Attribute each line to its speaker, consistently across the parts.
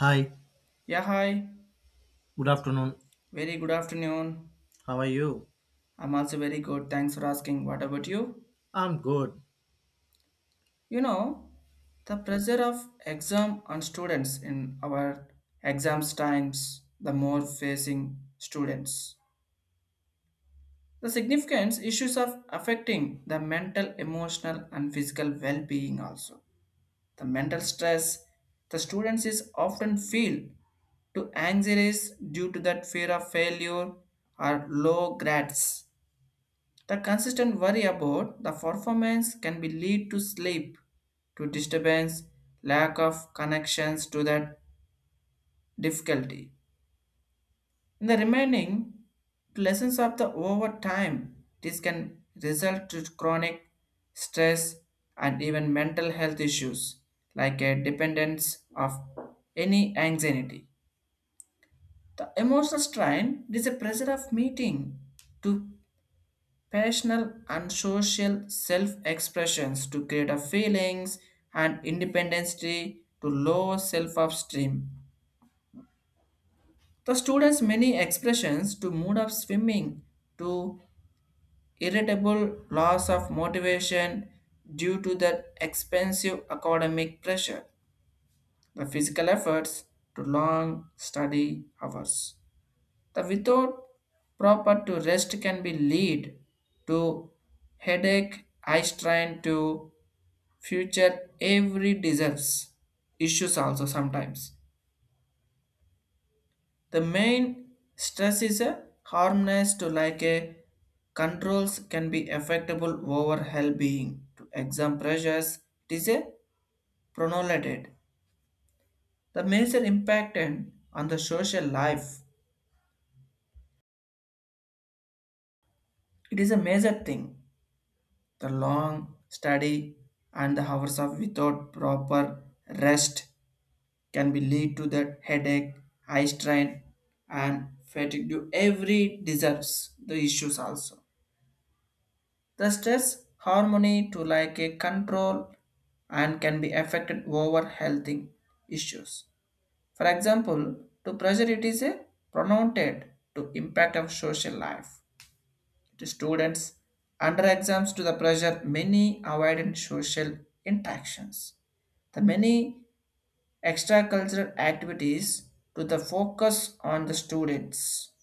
Speaker 1: Hi,
Speaker 2: Yeah, hi.
Speaker 1: good afternoon.
Speaker 2: Very good afternoon.
Speaker 1: How are you?
Speaker 2: I'm also very good. Thanks for asking. What about you?
Speaker 1: I'm good.
Speaker 2: You know, the pressure of exam on students in our exams times, the more facing students. The significance issues of affecting the mental, emotional, and physical well-being also. The mental stress the students is often feel to anxieties due to that fear of failure or low grades. The consistent worry about the performance can be lead to sleep, to disturbance, lack of connections to that difficulty. In the remaining lessons of the over time, this can result to chronic stress and even mental health issues like a dependence of any anxiety. The emotional strain, it is a pressure of meeting to Passional and social self-expressions to create a feelings and independence to low self-esteem. The students many expressions to mood of swimming to irritable loss of motivation due to the expensive academic pressure. The physical efforts to long study hours. The without proper to rest can be lead to headache, eye strain to future every deserves issues also. Sometimes the main stress is a harmless to like a controls can be affectable over hell being to exam pressures. It is a pronolated the major impact and on the social life. It is a major thing, the long study and the hours of without proper rest can be lead to that headache, eye strain, and fatigue to every deserves the issues also. The stress harmony to like a control and can be affected over healthy issues. For example, to pressure, it is a pronounced to impact of social life. To students under exams to the pressure many avoidant social interactions. The many extracurricular activities to the focus on the students.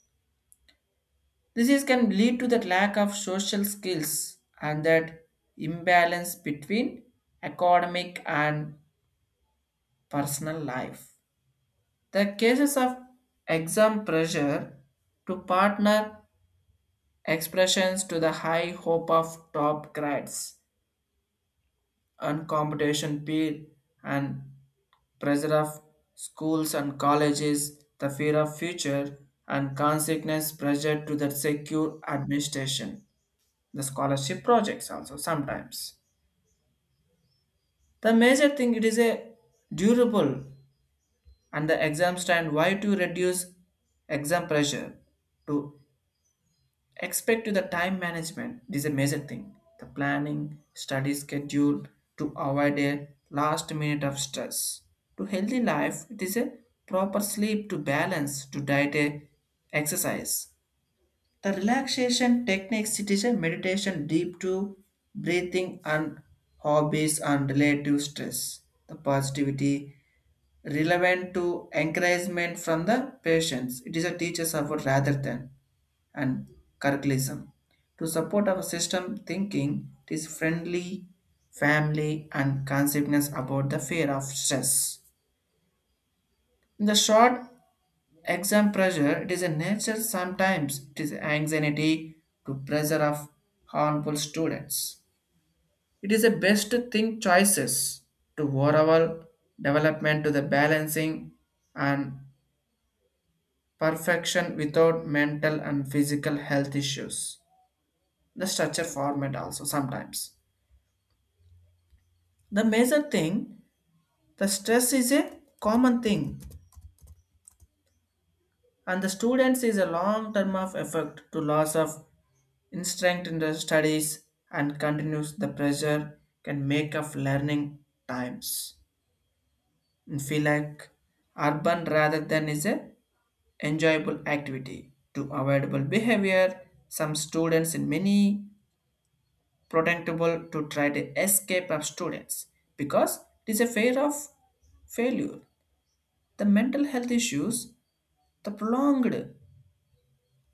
Speaker 2: This is can lead to the lack of social skills and that imbalance between academic and personal life. The cases of exam pressure to partner expressions to the high hope of top grades and competition peer and pressure of schools and colleges, the fear of future, and consequence pressure to the secure administration, the scholarship projects also sometimes. The major thing, it is a durable and the exam stand why to reduce exam pressure to Expect to the time management, this is a major thing. The planning, study schedule to avoid a last minute of stress. To healthy life, it is a proper sleep to balance to diet a exercise. The relaxation techniques, it is a meditation deep to breathing and hobbies and relative stress. The positivity relevant to encouragement from the patients. It is a teacher's effort rather than and curriculum to support our system thinking, it is friendly family and consciousness about the fear of stress in the short exam pressure. It is a nature sometimes. It is anxiety to pressure of harmful students. It is a best to think choices to overall development to the balancing and perfection without mental and physical health issues. The structure format also sometimes. The major thing, the stress is a common thing, and the students is a long term of effect to loss of strength in the studies, and continues the pressure can make of learning times and feel like urban rather than is a enjoyable activity to avoidable behavior. Some students in many protectable to try to escape of students because it is a fear of failure. The mental health issues. The prolonged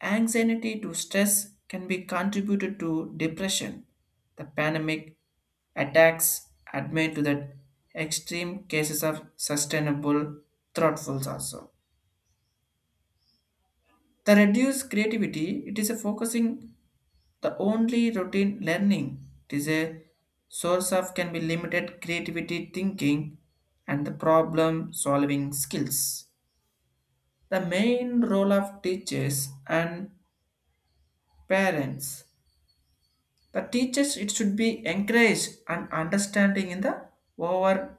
Speaker 2: anxiety to stress can be contributed to depression. The pandemic attacks admit to the extreme cases of sustainable thoughtfuls also. The reduced creativity, it is a focusing the only routine learning. It is a source of can be limited creativity thinking and the problem solving skills. The main role of teachers and parents. The teachers it should be encouraged and understanding in the over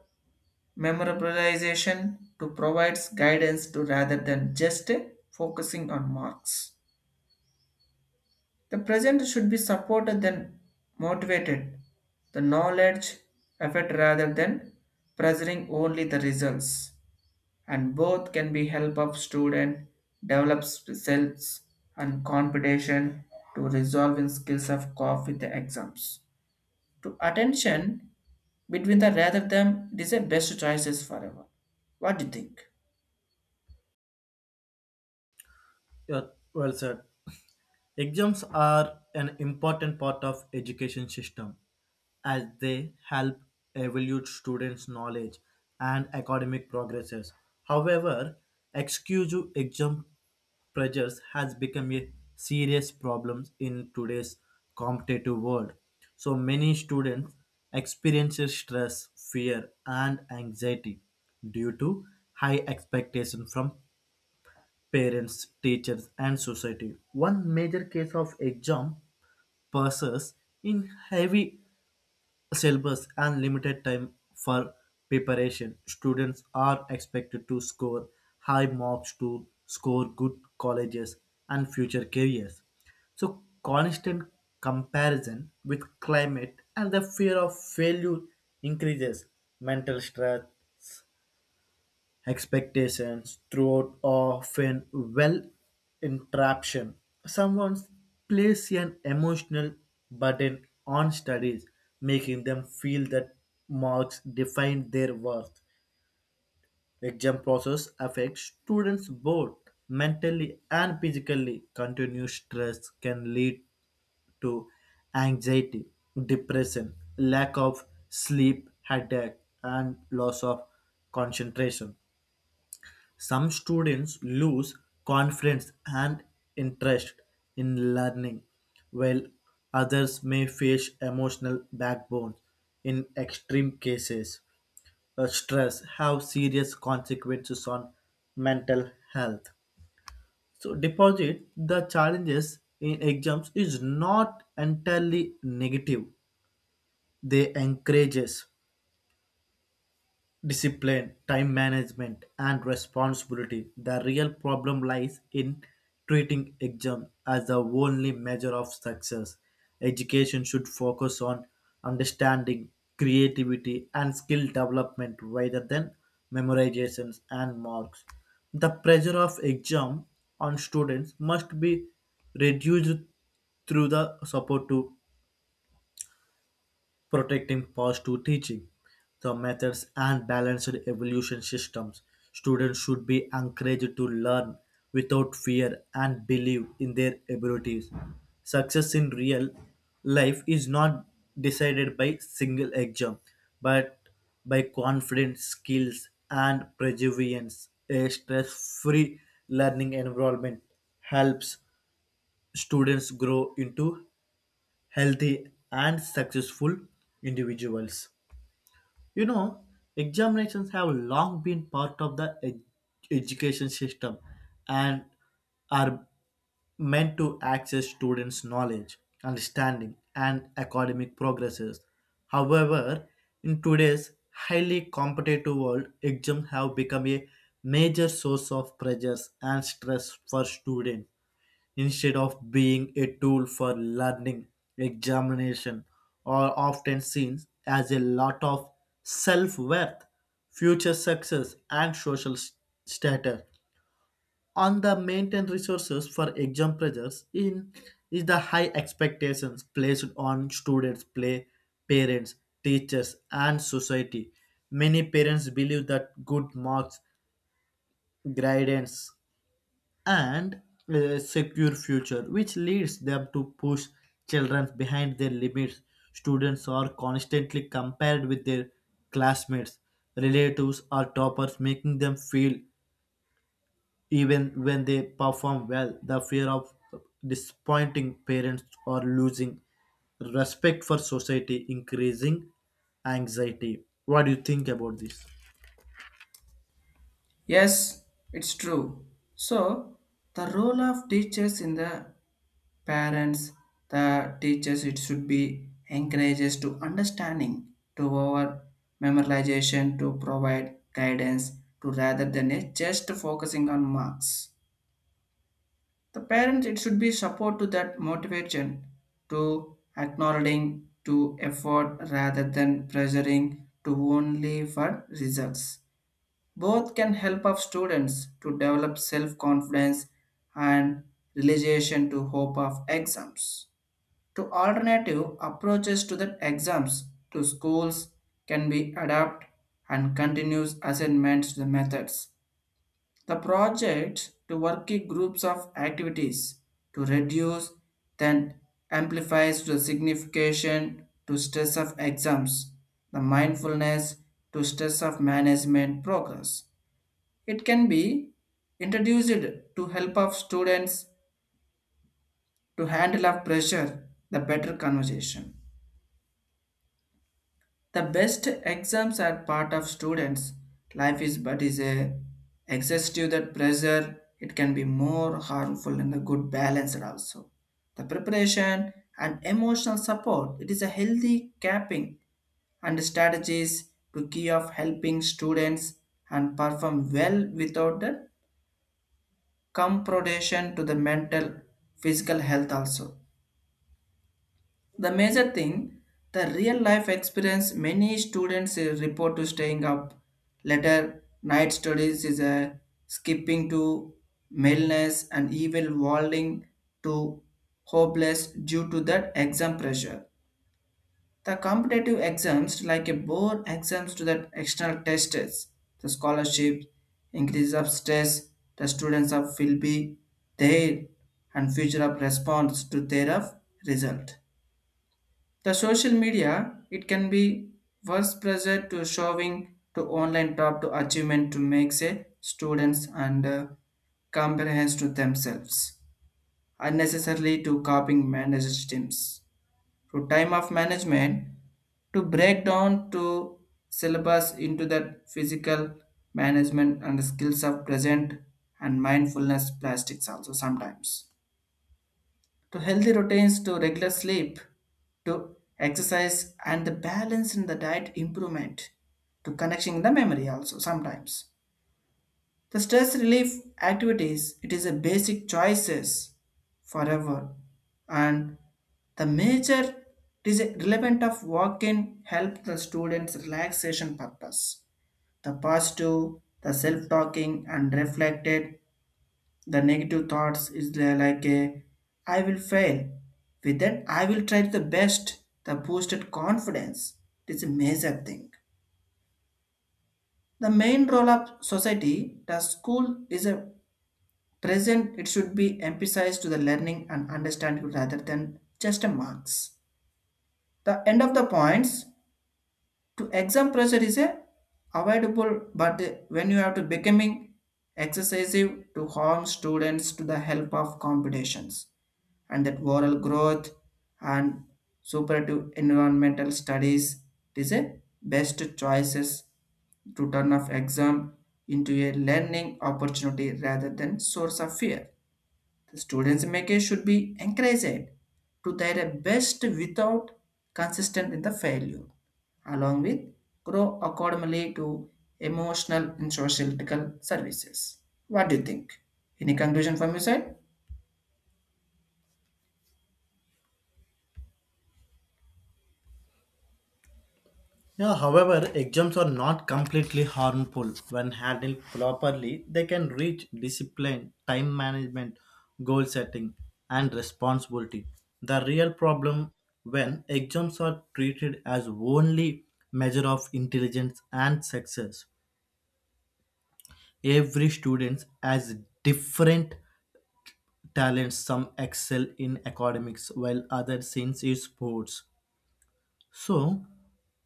Speaker 2: memorialization to provides guidance to rather than just focusing on marks. The present should be supported than motivated. The knowledge effort rather than pressuring only the results. And both can be help of student develops selves and competition to resolving skills of cope with the exams, to attention between the rather than. It is the best choices forever. What do you think?
Speaker 1: You're well said. Exams are an important part of education system, as they help evaluate students' knowledge and academic progresses. However, excessive exam pressures has become a serious problem in today's competitive world. So many students experience stress, fear, and anxiety due to high expectation from parents, teachers, and society. One major case of exam passes in heavy syllabus and limited time for preparation, students are expected to score high marks to score good colleges and future careers. So, constant comparison with climate and the fear of failure increases mental stress expectations throughout often well interruption. Someone place an emotional burden on studies, making them feel that marks define their worth. Exam process affects students both mentally and physically. Continuous stress can lead to anxiety, depression, lack of sleep, headache, and loss of concentration. Some students lose confidence and interest in learning, while others may face emotional backbone. In extreme cases, stress have serious consequences on mental health. So, deposit the challenges in exams is not entirely negative. They encourage us discipline, time management, and responsibility. The real problem lies in treating exams as the only measure of success. Education should focus on understanding, creativity, and skill development rather than memorizations and marks. The pressure of exam on students must be reduced through the support to protecting past to teaching, the methods and balanced evolution systems. Students should be encouraged to learn without fear and believe in their abilities. Success in real life is not decided by single exam, but by confident skills and perseverance. A stress-free learning environment helps students grow into healthy and successful individuals. You know, examinations have long been part of the education system and are meant to access students' knowledge, understanding, and academic progresses. However, in today's highly competitive world, exams have become a major source of pressures and stress for students instead of being a tool for learning, examination, or often seen as a lot of self worth, future success, and status. On the maintain resources for exam pressures in is the high expectations placed on students, play parents, teachers, and society. Many parents believe that good marks, guidance, and a secure future, which leads them to push children behind their limits. Students are constantly compared with their classmates, relatives, or toppers, making them feel even when they perform well, the fear of disappointing parents or losing respect for society, increasing anxiety. What do you think about this?
Speaker 2: Yes, it's true. So the role of teachers in the parents, the teachers it should be encourages to understanding, to our memorization, to provide guidance, to rather than a just focusing on marks. The parents, it should be support to that motivation to acknowledging to effort rather than pressuring to only for results. Both can help of students to develop self-confidence and realization to hope of exams. To alternative approaches to the exams to schools can be adapt and continuous assignments to the methods, the project to working groups of activities to reduce then amplifies the signification to stress of exams, the mindfulness to stress of management progress. It can be introduced to help of students to handle of pressure the better conversation. The best exams are part of students. Life is but is a excessive that pressure. It can be more harmful than the good balance also. The preparation and emotional support. It is a healthy capping and strategies to key of helping students and perform well without the comproduction to the mental physical health also. The major thing, the real life experience many students report to staying up later night studies is a skipping to maleness and even walling to hopeless due to that exam pressure. The competitive exams like a board exams to the external tests, the scholarship, increase of stress, the students of will be there and future of response to their of result. The social media, it can be worse pressure to showing to online top to achievement to makes a students and comparisons to themselves unnecessarily to copying managed teams to time of management to break down to syllabus into the physical management and skills of present and mindfulness plastics also sometimes, to healthy routines to regular sleep to exercise and the balance in the diet improvement to connection in the memory also sometimes. The stress relief activities, it is a basic choices forever. And the major, it is a relevant of walking help the students relaxation purpose. The positive, the self-talking and reflected the negative thoughts is like a I will fail. With that, I will try the best. The boosted confidence. It is a major thing. The main role of society, the school is a present. It should be emphasized to the learning and understanding rather than just a marks. The end of the points to exam pressure is a avoidable, but when you have to becoming excessive to harm students to the help of competitions and that oral growth and superative environmental studies, it is a best choices to turn off exam into a learning opportunity rather than source of fear. The students make it should be encouraged to their best without consistent in the failure, along with grow accordingly to emotional and social services. What do you think? Any conclusion from your side?
Speaker 1: Yeah, however, exams are not completely harmful. When handled properly, they can reach discipline, time management, goal setting, and responsibility. The real problem when exams are treated as only measure of intelligence and success. Every student has different talents. Some excel in academics while others in sports. So,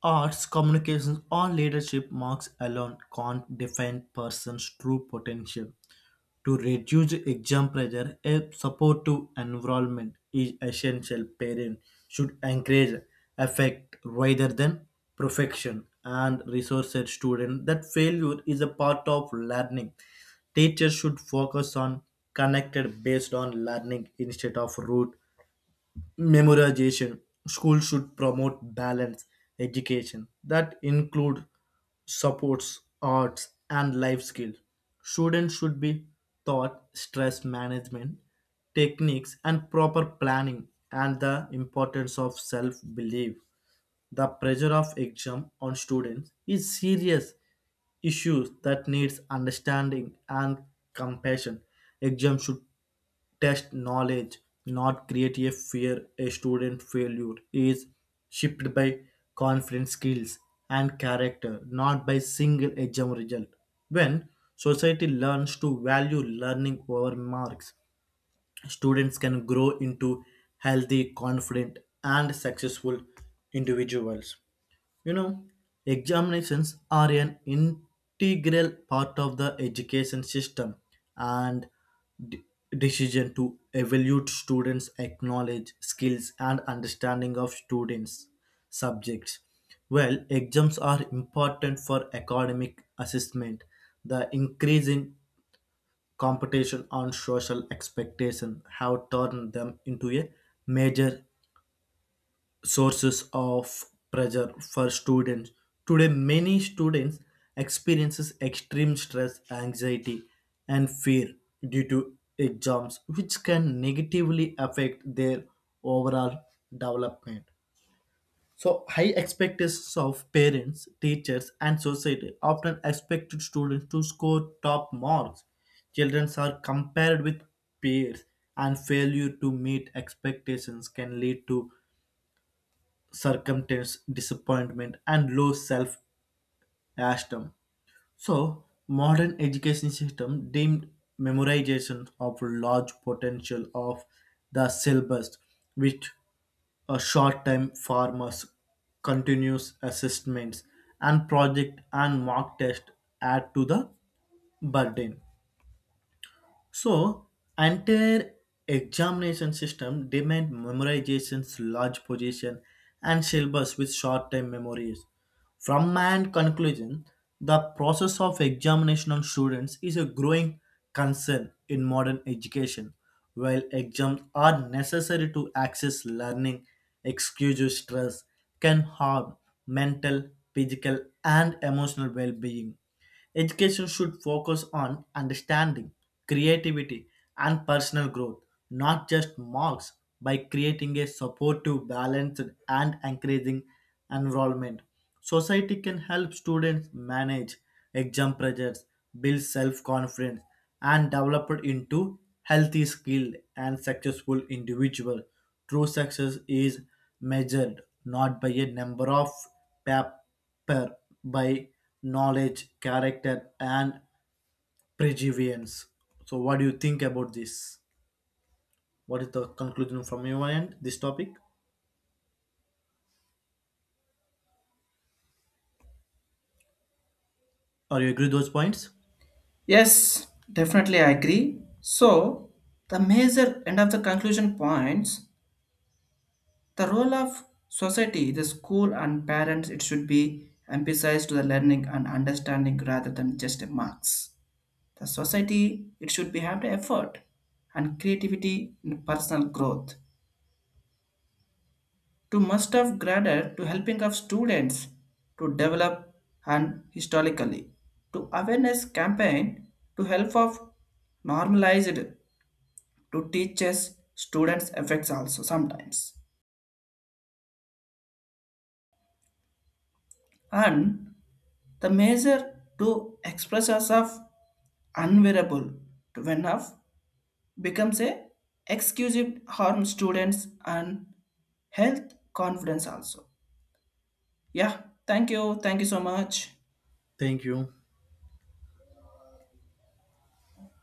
Speaker 1: arts, communications, or leadership marks alone can't define person's true potential. To reduce exam pressure, a supportive environment is essential. Parents should encourage effect rather than perfection and resource students that failure is a part of learning. Teachers should focus on connected based on learning instead of root memorization, schools should promote balanced education that include supports arts and life skills, students should be taught stress management techniques and proper planning and the importance of self belief, the pressure of exam on students is serious issues that needs understanding and compassion. Exam should test knowledge, not create a fear a student failure is shaped by confidence skills and character, not by single exam result. When society learns to value learning over marks, students can grow into healthy, confident, and successful individuals. You know, examinations are an integral part of the education system and de- decision to evaluate students' acknowledge skills and understanding of students' subjects. Well, exams are important for academic assessment. The increasing competition on social expectation have turned them into a major sources of pressure for students, today many students experiences extreme stress anxiety and fear due to exams which can negatively affect their overall development. So high expectations of parents teachers and society often expect students to score top marks, children are compared with peers and failure to meet expectations can lead to circumstance, disappointment, and low self-esteem. So, modern education system deemed memorization of large potential of the syllabus, which a short time farmers continuous assessments and project and mock test add to the burden. So, entire examination system demand memorizations, large position, and syllabus with short time memories. From my end conclusion, the process of examination on students is a growing concern in modern education. While exams are necessary to access learning, excessive stress can harm mental, physical, and emotional well being. Education should focus on understanding, creativity, and personal growth, not just marks, by creating a supportive, balanced, and encouraging environment. Society can help students manage exam pressures, build self confidence, and develop it into healthy, skilled, and successful individual. True success is measured not by a number of paper, by knowledge, character, and perseverance. So, what do you think about this? What is the conclusion from your end? This topic? Are you agree with those points?
Speaker 2: Yes, definitely I agree. So, the major end of the conclusion points, the role of society, the school, and parents, it should be emphasized to the learning and understanding rather than just marks. The society, it should be have the effort and creativity in personal growth to must have graded to helping of students to develop and historically to awareness campaign to help of normalized to teachers students affects also sometimes. And the measure to express us of unwearable to when of becomes a exclusive harm students and health confidence also. Yeah, thank you. Thank you so much.
Speaker 1: Thank you.